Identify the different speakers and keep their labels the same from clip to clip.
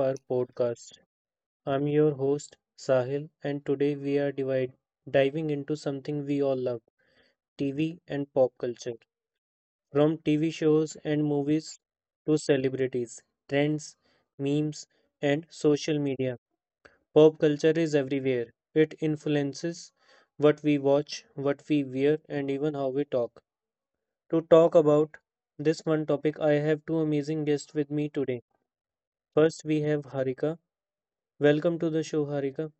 Speaker 1: our podcast. I'm your host, Sahil, and today we are diving into something we all love, TV and pop culture. From TV shows and movies to celebrities, trends, memes, and social media, pop culture is everywhere. It influences what we watch, what we wear, and even how we talk. To talk about this one topic, I have two amazing guests with me today. First, we have Harika. Welcome to the show, Harika.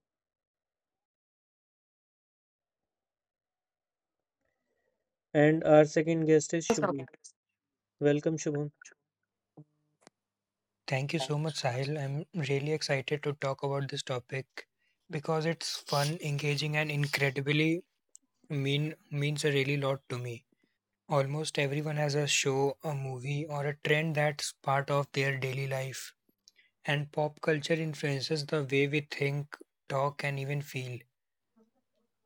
Speaker 1: And our second guest is Shubham. Welcome, Shubham.
Speaker 2: Thank you so much, Sahil. I'm really excited to talk about this topic because it's fun, engaging, and incredibly means a really lot to me. Almost everyone has a show, a movie, or a trend that's part of their daily life, and pop culture influences the way we think, talk, and even feel.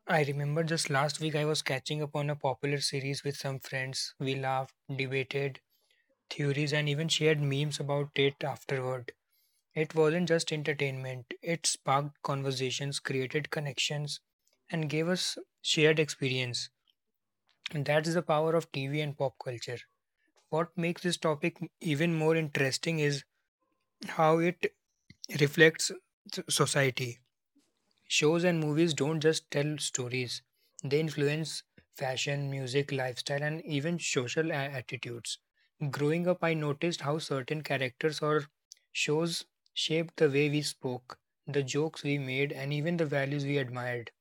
Speaker 2: I remember just last week I was catching up on a popular series with some friends. We laughed, debated theories, and even shared memes about it afterward. It wasn't just entertainment, it sparked conversations, created connections, and gave us shared experience. And that's the power of TV and pop culture. What makes this topic even more interesting is how it reflects society. Shows and movies don't just tell stories, they influence fashion, music, lifestyle, and even social attitudes. Growing up, I noticed how certain characters or shows shaped the way we spoke, the jokes we made, and even the values we admired.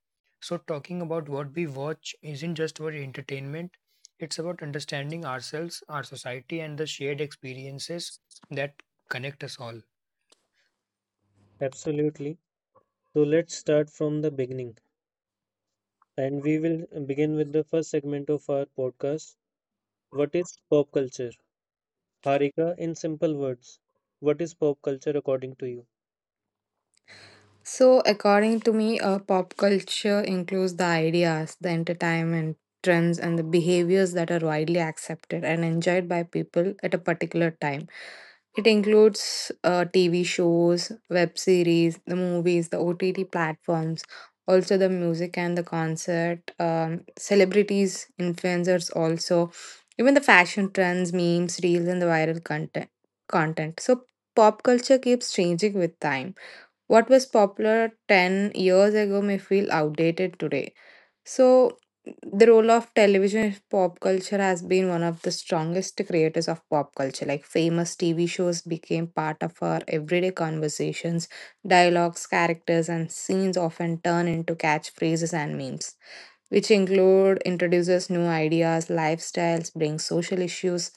Speaker 2: So, talking about what we watch isn't just about entertainment, it's about understanding ourselves, our society, and the shared experiences that connect us all.
Speaker 1: Absolutely. So let's start from the beginning, and we will begin with the first segment of our podcast. What is pop culture? Harika, in simple words, what is pop culture according to you?
Speaker 3: So, according to me, pop culture includes the ideas, the entertainment, trends, and the behaviors that are widely accepted and enjoyed by people at a particular time. It includes TV shows, web series, the movies, the OTT platforms, also the music and the concert, celebrities, influencers, also, even the fashion trends, memes, reels, and the viral content. So, pop culture keeps changing with time. What was popular 10 years ago may feel outdated today. So, the role of television in pop culture has been one of the strongest creators of pop culture. Like, famous TV shows became part of our everyday conversations. Dialogues, characters, and scenes often turn into catchphrases and memes, which include introduces new ideas, lifestyles, brings social issues,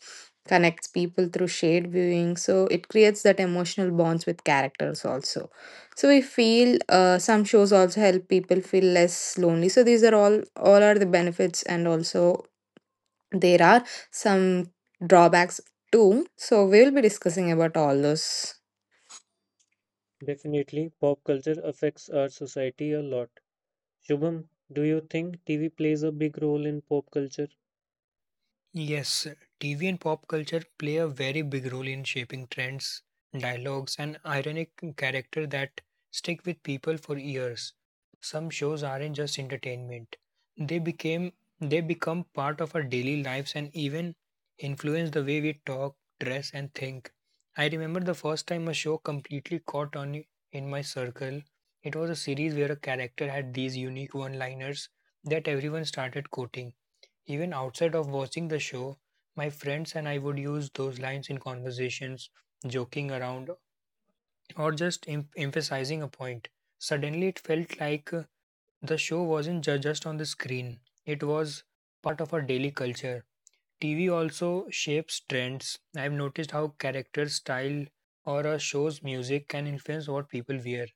Speaker 3: connects people through shared viewing. So, it creates that emotional bonds with characters also. So we feel some shows also help people feel less lonely. So these are all are the benefits, and also there are some drawbacks too. So we will be discussing about all those.
Speaker 1: Definitely, pop culture affects our society a lot. Shubham, do you think TV plays a big role in pop culture?
Speaker 2: Yes, TV and pop culture play a very big role in shaping trends, dialogues, and ironic character that stick with people for years. Some shows aren't just entertainment. They became they become part of our daily lives and even influence the way we talk, dress, and think. I remember the first time a show completely caught on in my circle. It was a series where a character had these unique one-liners that everyone started quoting even outside of watching the show, my friends and I would use those lines in conversations, joking around, or just emphasizing a point. Suddenly, it felt like the show wasn't just on the screen, it was part of our daily culture. TV also shapes trends. I've noticed how character style or a show's music can influence what people wear,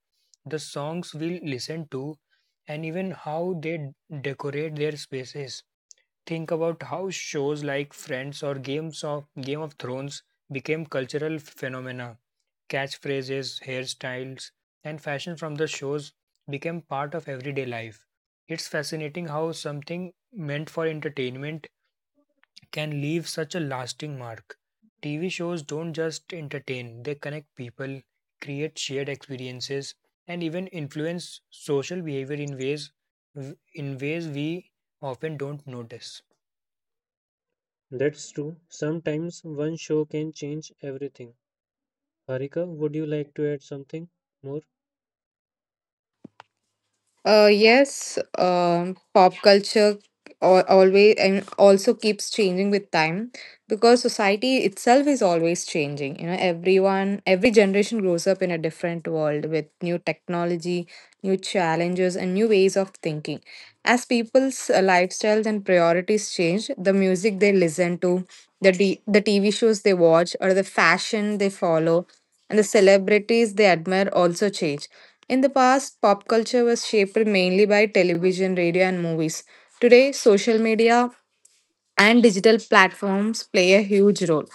Speaker 2: the songs we listen to, and even how they decorate their spaces. Think about how shows like Friends or Game of Thrones became cultural phenomena. Catchphrases, hairstyles, and fashion from the shows became part of everyday life. It's fascinating how something meant for entertainment can leave such a lasting mark. TV shows don't just entertain, they connect people, create shared experiences, and even influence social behavior in ways we often don't notice.
Speaker 1: That's true. Sometimes one show can change everything. Harika, would you like to add something more?
Speaker 3: Yes, pop culture always and also keeps changing with time because society itself is always changing. You know, everyone, every generation grows up in a different world with new technology, new challenges, and new ways of thinking. As people's lifestyles and priorities change, the music they listen to, the TV shows they watch, or the fashion they follow, and the celebrities they admire also change. In the past, pop culture was shaped mainly by television, radio, and movies. Today, social media and digital platforms play a huge role.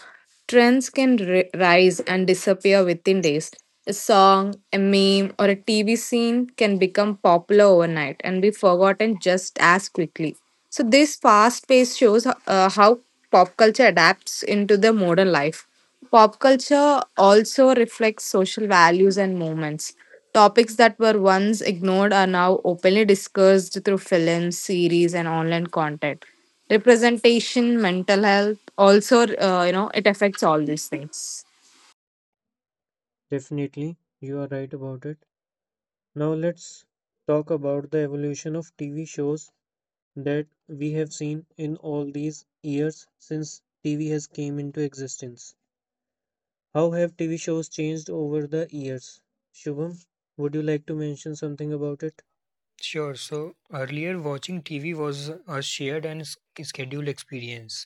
Speaker 3: Trends can rise and disappear within days. A song, a meme, or a TV scene can become popular overnight and be forgotten just as quickly. So, this fast pace shows how pop culture adapts into the modern life. Pop culture also reflects social values and movements. Topics that were once ignored are now openly discussed through films, series, and online content representation mental health also you know it affects all these things.
Speaker 1: Definitely, you are right about it. Now let's talk about the evolution of TV shows that we have seen in all these years since TV has came into existence. How have TV shows changed over the years? Shubham, would you like to mention something about it?
Speaker 2: Sure. So earlier, watching TV was a shared and scheduled experience.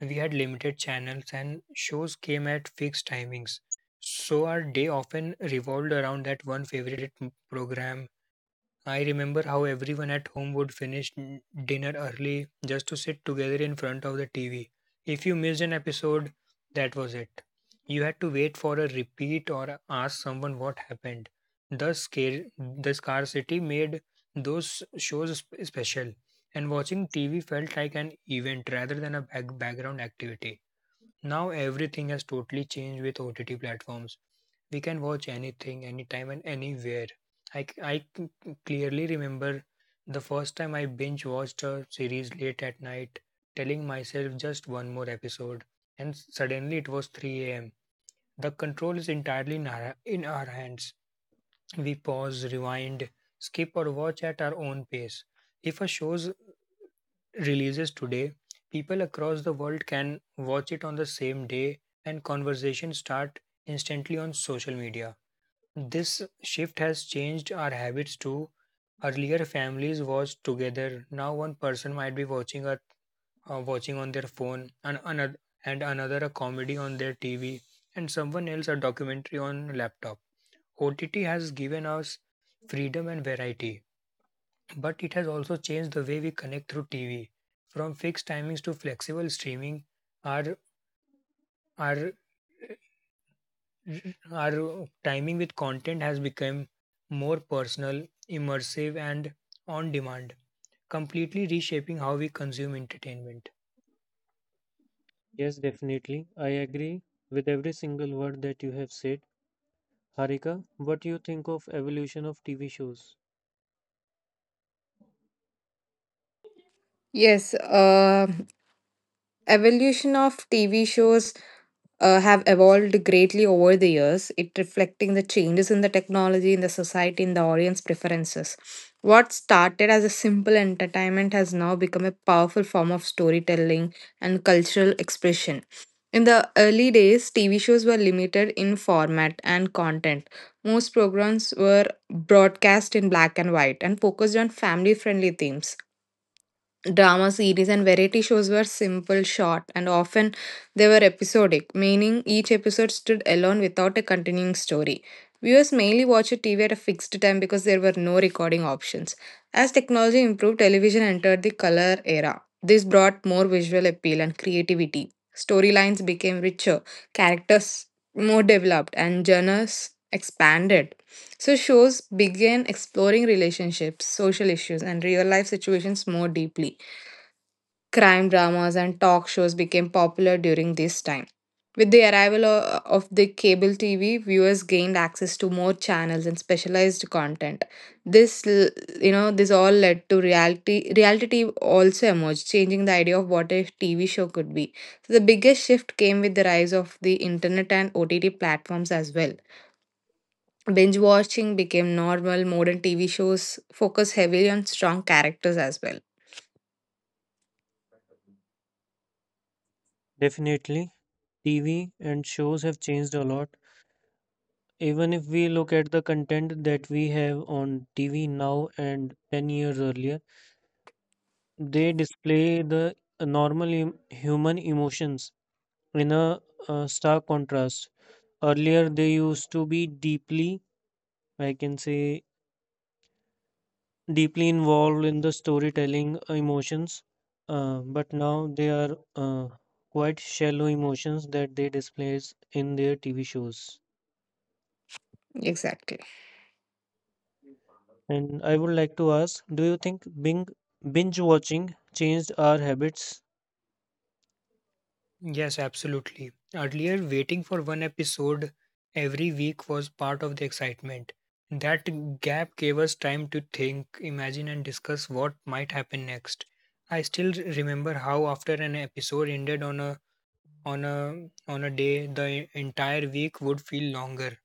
Speaker 2: We had limited channels and shows came at fixed timings. So our day often revolved around that one favorite program. I remember how everyone at home would finish dinner early just to sit together in front of the TV. If you missed an episode, that was it. You had to wait for a repeat or ask someone what happened. The scarcity made those shows special, and watching TV felt like an event rather than a background activity. Now everything has totally changed with OTT platforms. We can watch anything, anytime, and anywhere. I clearly remember the first time I binge watched a series late at night, telling myself just one more episode, and suddenly it was 3 am. The control is entirely in our hands. We pause, rewind, skip, or watch at our own pace. If a show's releases today, people across the world can watch it on the same day and conversations start instantly on social media. This shift has changed our habits too. Earlier, families watched together. Now, one person might be watching on their phone, and another a comedy on their TV, and someone else a documentary on laptop. OTT has given us freedom and variety, but it has also changed the way we connect through TV. From fixed timings to flexible streaming, our our our timing with content has become more personal, immersive, and on demand, completely reshaping how we consume entertainment.
Speaker 1: Yes, definitely. I agree with every single word that you have said. Harika, what do you think of evolution of TV shows?
Speaker 3: Yes, evolution of TV shows have evolved greatly over the years, it reflecting the changes in the technology, in the society, in the audience preferences. What started as a simple entertainment has now become a powerful form of storytelling and cultural expression. In the early days, TV shows were limited in format and content. Most programs were broadcast in black and white and focused on family friendly themes. Drama series and variety shows were simple, short, and often they were episodic, meaning each episode stood alone without a continuing story. Viewers mainly watched TV at a fixed time because there were no recording options. As technology improved, television entered the color era. This brought more visual appeal and creativity. Storylines became richer, characters more developed, and genres expanded. So shows began exploring relationships, social issues, and real life situations more deeply. Crime dramas and talk shows became popular during this time. With the arrival of the cable TV, viewers gained access to more channels and specialized content. This, this all led to reality. Reality TV also emerged, changing the idea of what a TV show could be. So the biggest shift came with the rise of the internet and OTT platforms as well. Binge watching became normal. Modern TV shows focus heavily on strong characters as well.
Speaker 1: Definitely, TV and shows have changed a lot. Even if we look at the content that we have on TV now and 10 years earlier, they display the normal human emotions in a, stark contrast. Earlier, they used to be deeply, I can say, deeply involved in the storytelling emotions, but now they are quite shallow emotions that they displays in their TV shows.
Speaker 3: Exactly.
Speaker 1: And I would like to ask, do you think binge watching changed our habits?
Speaker 2: Yes, absolutely. Earlier, waiting for one episode every week was part of the excitement. That gap gave us time to think, imagine, and discuss what might happen next. I still remember how after an episode ended on a day, the entire week would feel longer.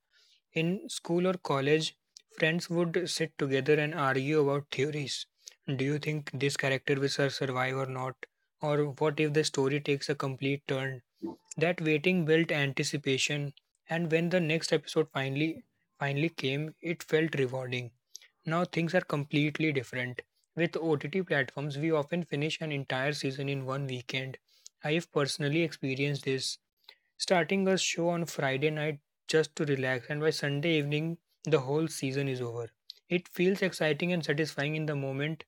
Speaker 2: In school or college, friends would sit together and argue about theories. Do you think this character will survive or not? Or what if the story takes a complete turn? That waiting built anticipation, and when the next episode finally came, it felt rewarding. Now things are completely different. With OTT platforms, we often finish an entire season in one weekend. I have personally experienced this, starting a show on Friday night just to relax, and by Sunday evening, the whole season is over. It feels exciting and satisfying in the moment,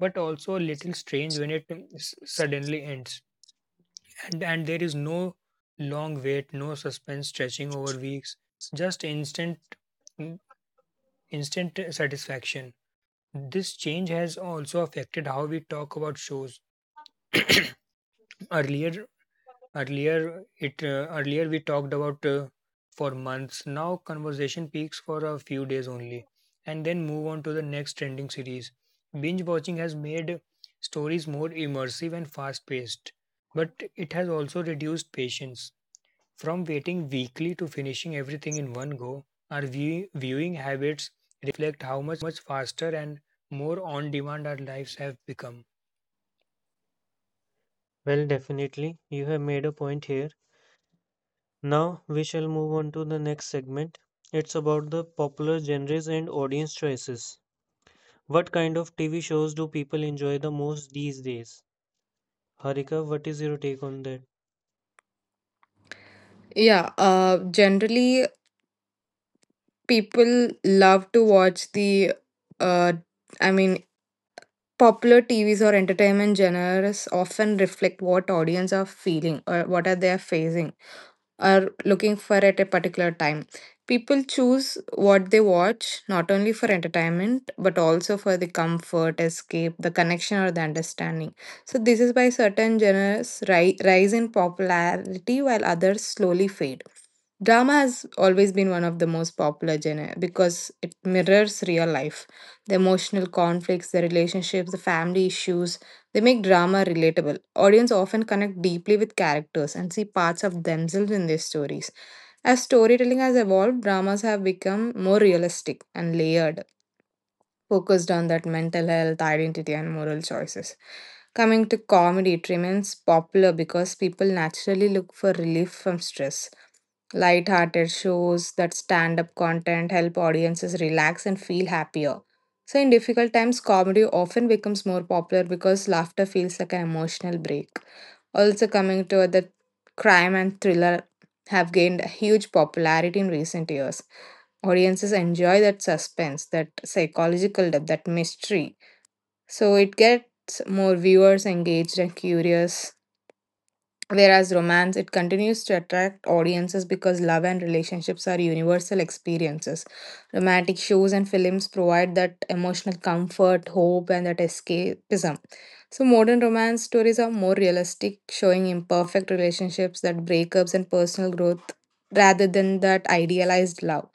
Speaker 2: but also a little strange when it suddenly ends and there is no long wait, no suspense stretching over weeks, just mm, instant satisfaction. This change has also affected how we talk about shows. Earlier earlier it uh, earlier we talked about for months. Now conversation peaks for a few days only and then move on to the next trending series. Binge watching has made stories more immersive and fast paced, but it has also reduced patience. From waiting weekly to finishing everything in one go, our viewing habits reflect how much faster and more on demand our lives have become.
Speaker 1: Well, definitely. You have made a point here. Now we shall move on to the next segment. It's about the popular genres and audience choices. What kind of TV shows do people enjoy the most these days? Harika, what is your take on that?
Speaker 3: Yeah, generally people love to watch the uh, i mean popular tvs or entertainment genres often reflect what audience are feeling or what are they are facing are looking for at a particular time. People choose what they watch not only for entertainment but also for the comfort, escape, the connection, or the understanding. So, this is why certain genres rise in popularity while others slowly fade. Drama has always been one of the most popular genre because it mirrors real life, the emotional conflicts, the relationships, the family issues, they make drama relatable. Audience often connect deeply with characters and see parts of themselves in their stories. As storytelling has evolved, dramas have become more realistic and layered focused on that mental health, identity, and moral choices. Coming to comedy, it remains popular because people naturally look for relief from stress. Light-hearted shows that stand-up content help audiences relax and feel happier. So in difficult times, comedy often becomes more popular because laughter feels like an emotional break. Also coming to the crime and thriller have gained huge popularity in recent years. Audiences enjoy that suspense, that psychological depth, that mystery. So it gets more viewers engaged and curious. Whereas romance, it continues to attract audiences because love and relationships are universal experiences. Romantic shows and films provide that emotional comfort, hope, and that escapism. So, modern romance stories are more realistic, showing imperfect relationships, that breakups, and personal growth rather than that idealized love.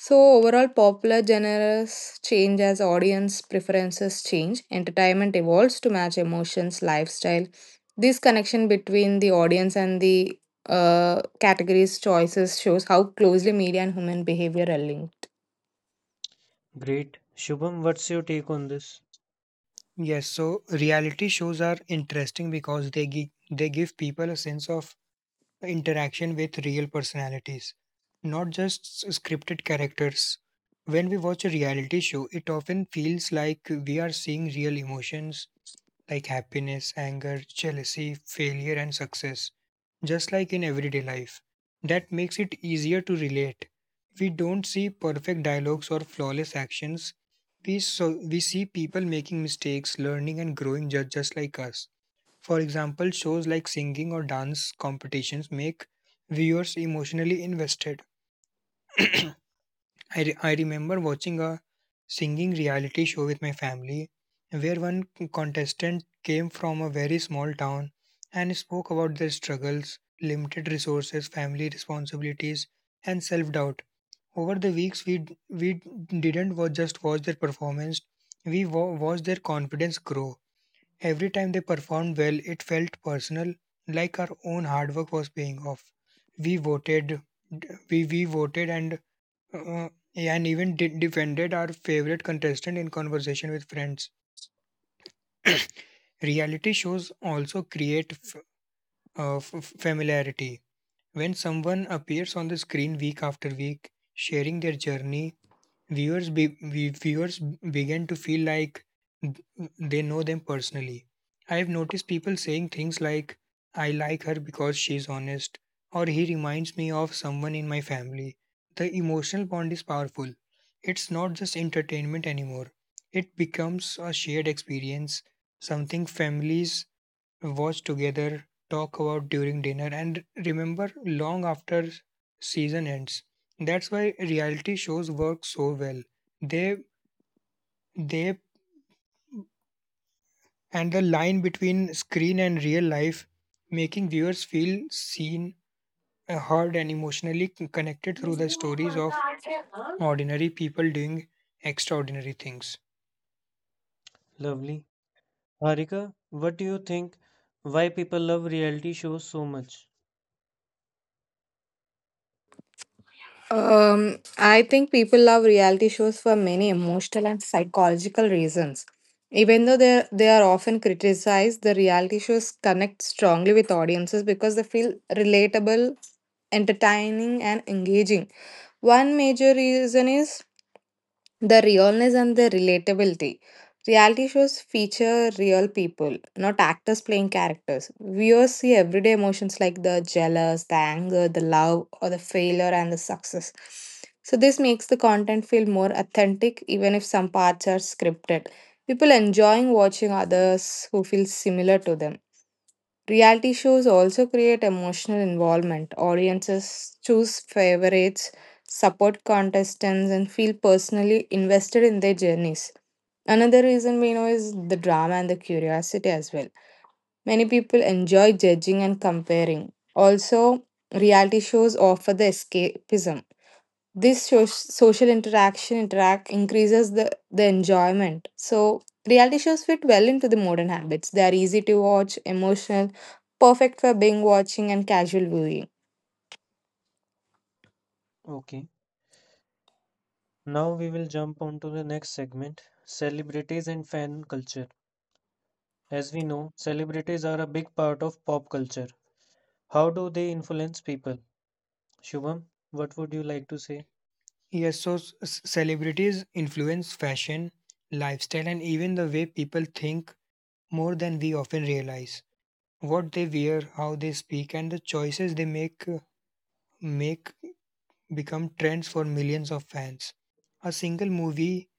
Speaker 3: So, overall, popular genres change as audience preferences change, entertainment evolves to match emotions, lifestyle, this connection between the audience and the categories choices shows how closely media and human behavior are linked.
Speaker 1: Great. Shubham, what's your take on this?
Speaker 2: Yes, so reality shows are interesting because they give people a sense of interaction with real personalities, not just scripted characters. When we watch a reality show, it often feels like we are seeing real emotions like happiness, anger, jealousy, failure, and success, just like in everyday life. That makes it easier to relate. We don't see perfect dialogues or flawless actions. We see people making mistakes, learning, and growing just like us. For example, shows like singing or dance competitions make viewers emotionally invested. I remember watching a singing reality show with my family where one contestant came from a very small town and spoke about their struggles, limited resources, family responsibilities, and self doubt. Over the weeks, we didn't just watch their performance, we watched their confidence grow. Every time they performed well, it felt personal, like our own hard work was paying off. We voted, we voted uh, and even defended our favorite contestant in conversation with friends. Reality shows also create familiarity. When someone appears on the screen week after week, sharing their journey, viewers begin to feel like th- they know them personally. I have noticed people saying things like, I like her because she's honest, or he reminds me of someone in my family. The emotional bond is powerful. It's not just entertainment anymore, it becomes a shared experience, something families watch together, talk about during dinner, and remember long after season ends. That's why reality shows work so well. They they and the line between screen and real life, making viewers feel seen, heard, and emotionally connected through the stories of ordinary people doing extraordinary things.
Speaker 1: Lovely. Harika, what do you think? Why people love reality shows so much?
Speaker 3: I think people love reality shows for many emotional and psychological reasons. Even though they are often criticized, the reality shows connect strongly with audiences because they feel relatable, entertaining, and engaging. One major reason is the realness and the relatability. Reality shows feature real people, not actors playing characters. Viewers see everyday emotions like the jealous, the anger, the love, or the failure and the success. So, this makes the content feel more authentic, even if some parts are scripted. People enjoying watching others who feel similar to them. Reality shows also create emotional involvement. Audiences choose favorites, support contestants, and feel personally invested in their journeys. Another reason we know is the drama and the curiosity as well. Many people enjoy judging and comparing. Also, reality shows offer the escapism. This social interaction interact increases the enjoyment. So, reality shows fit well into the modern habits. They are easy to watch, emotional, perfect for being watching and casual viewing.
Speaker 1: Okay. Now we will jump onto the next segment, celebrities and fan culture. As we know, celebrities are a big part of pop culture. How do they influence people? Shubham, what would you like to say?
Speaker 2: Yes, so celebrities influence fashion, lifestyle, and even the way people think more than we often realize. What they wear, how they speak, and the choices they make make become trends for millions of fans. A single movie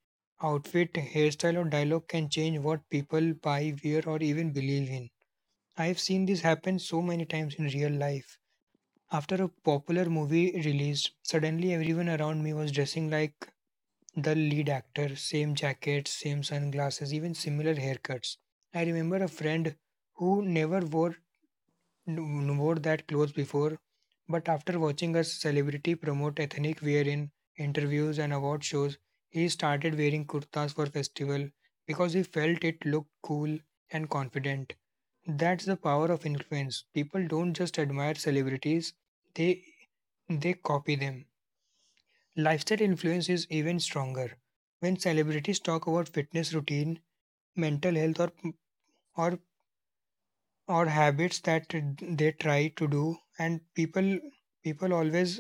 Speaker 2: outfit, hairstyle, or dialogue can change what people buy, wear, or even believe in. I've seen this happen so many times in real life. After a popular movie released, suddenly everyone around me was dressing like the lead actor, same jackets, same sunglasses, even similar haircuts. I remember a friend who never wore that clothes before, but after watching a celebrity promote ethnic wear in interviews and award shows, he started wearing kurtas for festival because he felt it looked cool and confident. That's the power of influence. People don't just admire celebrities, they they copy them. Lifestyle influence is even stronger. When celebrities talk about fitness routine, mental health or or habits that they try to do and people people always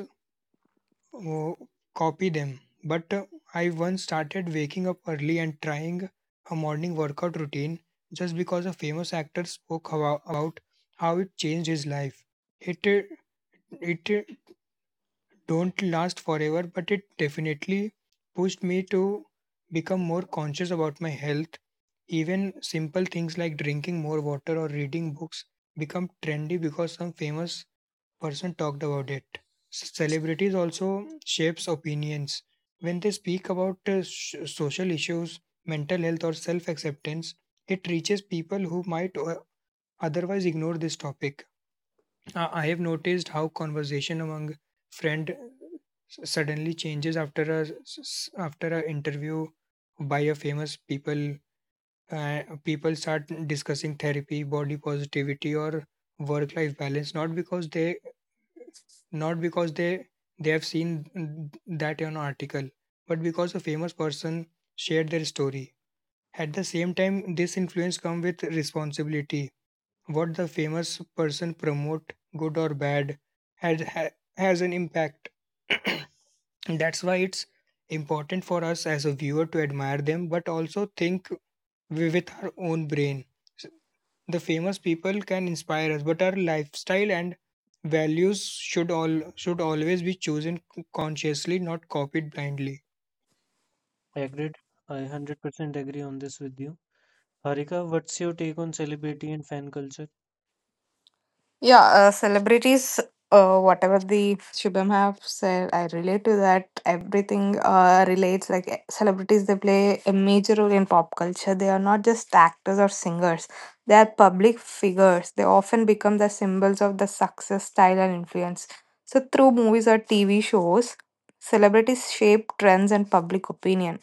Speaker 2: uh, copy them, but I once started waking up early and trying a morning workout routine just because a famous actor spoke about how it changed his life. It uh, it uh, don't last forever, but it definitely pushed me to become more conscious about my health. Even simple things like drinking more water or reading books become trendy because some famous person talked about it. Celebrities also shapes opinions. When they speak about social issues, mental health or self-acceptance, it reaches people who might otherwise ignore this topic. I have noticed how conversation among friend suddenly changes after after a interview by a famous people. Uh, people start discussing therapy, body positivity, or work-life balance. Not because they have seen that in an article, but because a famous person shared their story. At the same time, this influence comes with responsibility. What the famous person promote, good or bad, has ha- has an impact. And that's why it's important for us as a viewer to admire them, but also think with our own brain. S- The famous people can inspire us, but our lifestyle and values should all should always be chosen consciously, not copied blindly.
Speaker 1: Agreed. I 100% agree on this with you. Harika, what's your take on celebrity and fan culture?
Speaker 3: Yeah, celebrities, whatever the Shubham have said, I relate to that. Everything relates. Like celebrities, they play a major role in pop culture. They are not just actors or singers, they are public figures. They often become the symbols of the success, style, and influence. So, through movies or TV shows, celebrities shape trends and public opinion.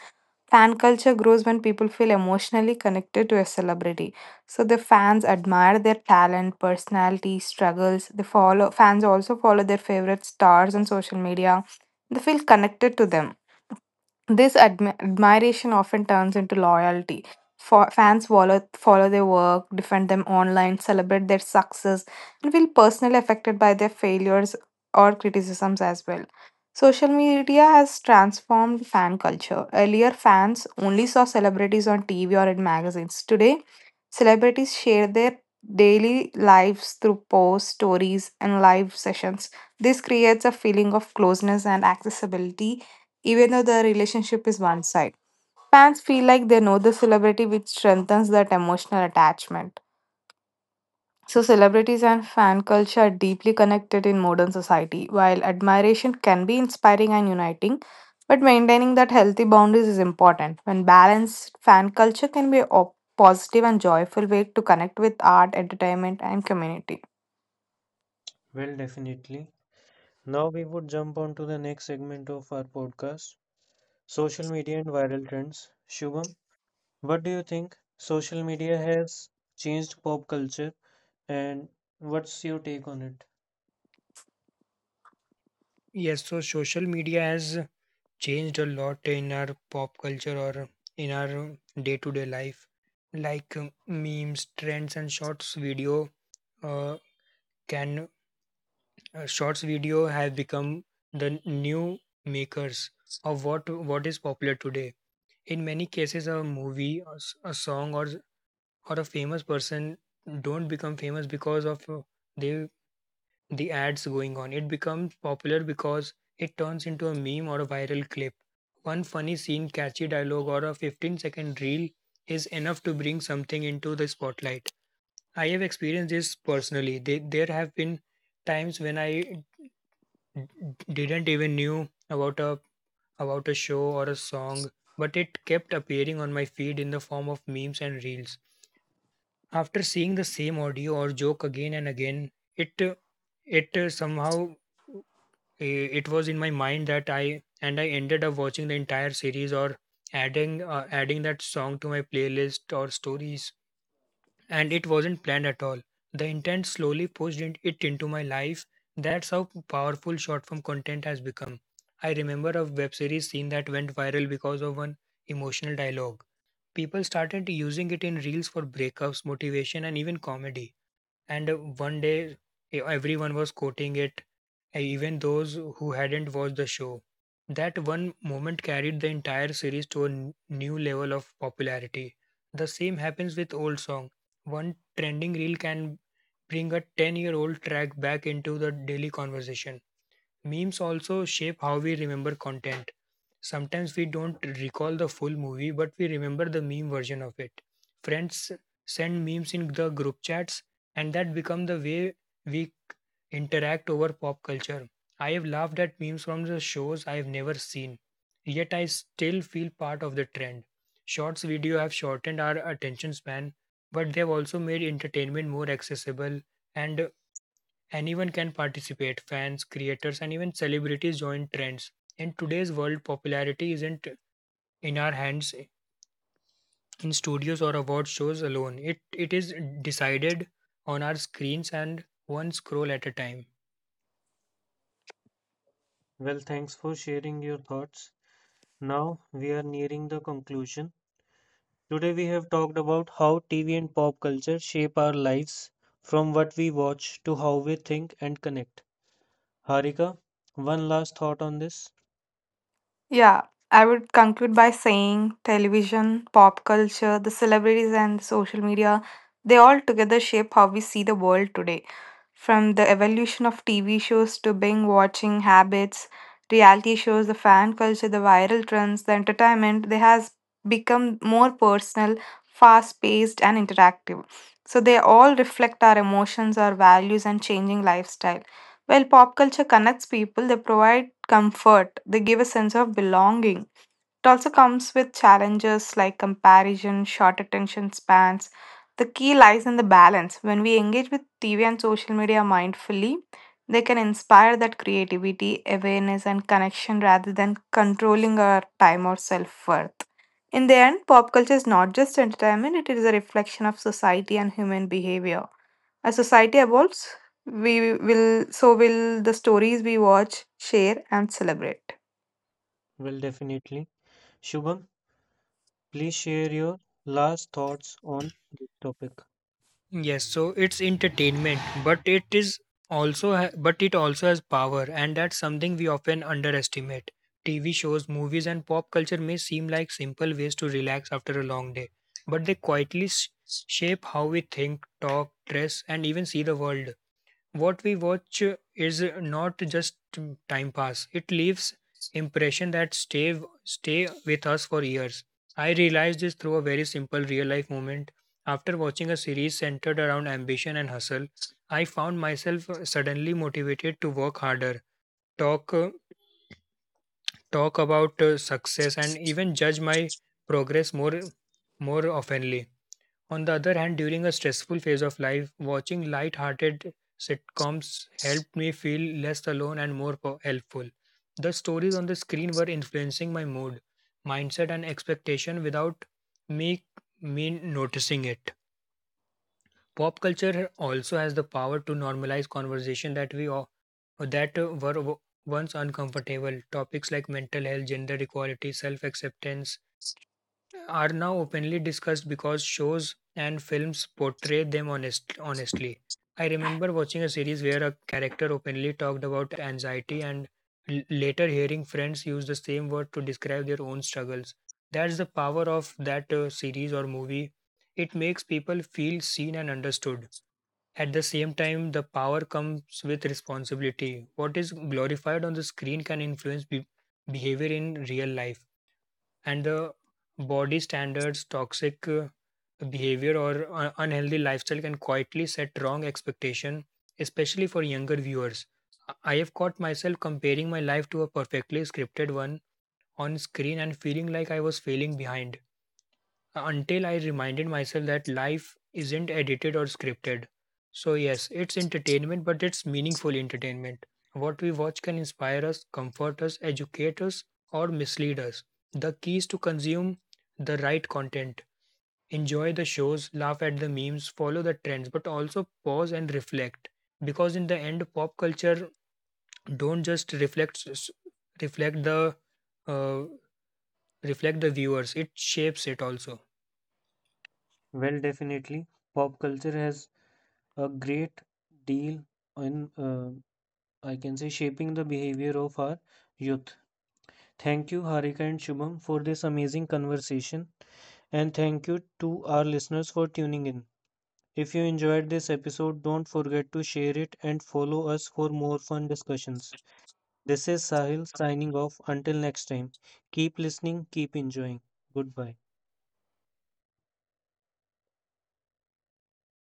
Speaker 3: Fan culture grows when people feel emotionally connected to a celebrity. So the fans admire their talent, personality, struggles. They follow fans also follow their favorite stars on social media. They feel connected to them. This admiration often turns into loyalty. For fans follow their work, defend them online, celebrate their success, and feel personally affected by their failures or criticisms as well. Social media has transformed fan culture. Earlier, fans only saw celebrities on TV or in magazines. Today, celebrities share their daily lives through posts, stories, and live sessions. This creates a feeling of closeness and accessibility, even though the relationship is one sided. Fans feel like they know the celebrity, which strengthens that emotional attachment. So, celebrities and fan culture are deeply connected in modern society. While admiration can be inspiring and uniting, but maintaining that healthy boundaries is important. When balanced, fan culture can be a positive and joyful way to connect with art, entertainment, and community.
Speaker 1: Well, definitely. Now we would jump on to the next segment of our podcast, social media and viral trends. Shubham, what do you think social media has changed pop culture and what's your take on it?
Speaker 2: Yes, so social media has changed a lot in our pop culture or in our day to day life. Like memes, trends, and uh, can shorts video have become the new makers of what is popular today. In many cases, a movie, a song, or a famous person don't become famous because of they the ads going on. It becomes popular because it turns into a meme or a viral clip. One funny scene, catchy dialogue, or a 15-second reel is enough to bring something into the spotlight. I have experienced this personally. There have been times when I d- didn't even knew about a show or a song, but it kept appearing on my feed in the form of memes and reels. After seeing the same audio or joke again and again, it uh, it uh, somehow it was in my mind that I ended up watching the entire series or adding that song to my playlist or stories, and it wasn't planned at all. The intent slowly pushed it into my life. That's how powerful short form content has become. I remember a web series scene that went viral because of one emotional dialogue. People started using it in reels for breakups, motivation, and even comedy. And one day, everyone was quoting it, even those who hadn't watched the show. That one moment carried the entire series to a new level of popularity. The same happens with old song. One trending reel can bring a 10-year-old track back into the daily conversation. Memes also shape how we remember content. Sometimes we don't recall the full movie, but we remember the meme version of it. Friends send memes in the group chats, and that become the way we interact over pop culture. I have laughed at memes from the shows I have never seen, yet I still feel part of the trend. Shorts video have shortened our attention span, but they have also made entertainment more accessible and anyone can participate. Fans, creators, and even celebrities join trends. In today's world, popularity isn't in our hands in studios or award shows alone. It is decided on our screens and one scroll at a time.
Speaker 1: Well, thanks for sharing your thoughts. Now we are nearing the conclusion. Today we have talked about how TV and pop culture shape our lives, from what we watch to how we think and connect. Harika, one last thought on this?
Speaker 3: Yeah, I would conclude by saying television, pop culture, the celebrities, and social media, they all together shape how we see the world today. From the evolution of TV shows to binge watching habits, reality shows, the fan culture, the viral trends, the entertainment, they has become more personal, fast paced, and interactive. So they all reflect our emotions, our values, and changing lifestyle. Well, pop culture connects people, they provide comfort, they give a sense of belonging. It also comes with challenges like comparison, short attention spans. The key lies in the balance. When we engage with TV and social media mindfully, they can inspire that creativity, awareness, and connection rather than controlling our time or self worth. In the end, pop culture is not just entertainment, it is a reflection of society and human behavior. As society evolves, we will so will the stories we watch, share, and celebrate.
Speaker 1: Well, definitely. Shubham, please share your last thoughts on this topic.
Speaker 2: Yes, so it's entertainment, but it is also ha- but it also has power, and that's something we often underestimate. TV shows, movies, and pop culture may seem like simple ways to relax after a long day, but they quietly shape how we think, talk, dress, and even see the world. What we watch is not just time pass. It leaves impression that stay with us for years. I realized this through a very simple real life moment. After watching a series centered around ambition and hustle, I found myself suddenly motivated to work harder, talk uh, talk about success, and even judge my progress more oftenly. On the other hand, during a stressful phase of life, watching light-hearted sitcoms helped me feel less alone and more helpful. The stories on the screen were influencing my mood, mindset, and expectation without me me noticing it. Pop culture also has the power to normalize conversation that we o- that were once uncomfortable. Topics like mental health, gender equality, self-acceptance, are now openly discussed because shows and films portray them honestly. I remember watching a series where a character openly talked about anxiety and later hearing friends use the same word to describe their own struggles. That's the power of that series or movie. It makes people feel seen and understood. At the same time, the power comes with responsibility. What is glorified on the screen can influence behavior in real life, and the body standards, toxic behavior, or unhealthy lifestyle can quietly set wrong expectation, especially for younger viewers. I have caught myself comparing my life to a perfectly scripted one on screen and feeling like I was failing behind until I reminded myself that life isn't edited or scripted. So, yes, it's entertainment, but it's meaningful entertainment. What we watch can inspire us, comfort us, educate us, or mislead us. The key is to consume the right content, enjoy the shows, laugh at the memes, follow the trends, but also pause and reflect. Because in the end, pop culture don't just reflect the uh, reflect the viewers; it shapes it also.
Speaker 1: Well, definitely. Pop culture has a great deal in, I can say, shaping the behavior of our youth. Thank you, Harika and Shubham, for this amazing conversation. And thank you to our listeners for tuning in. If you enjoyed this episode, don't forget to share it and follow us for more fun discussions. This is Sahil signing off. Until next time, keep listening, keep enjoying. Goodbye.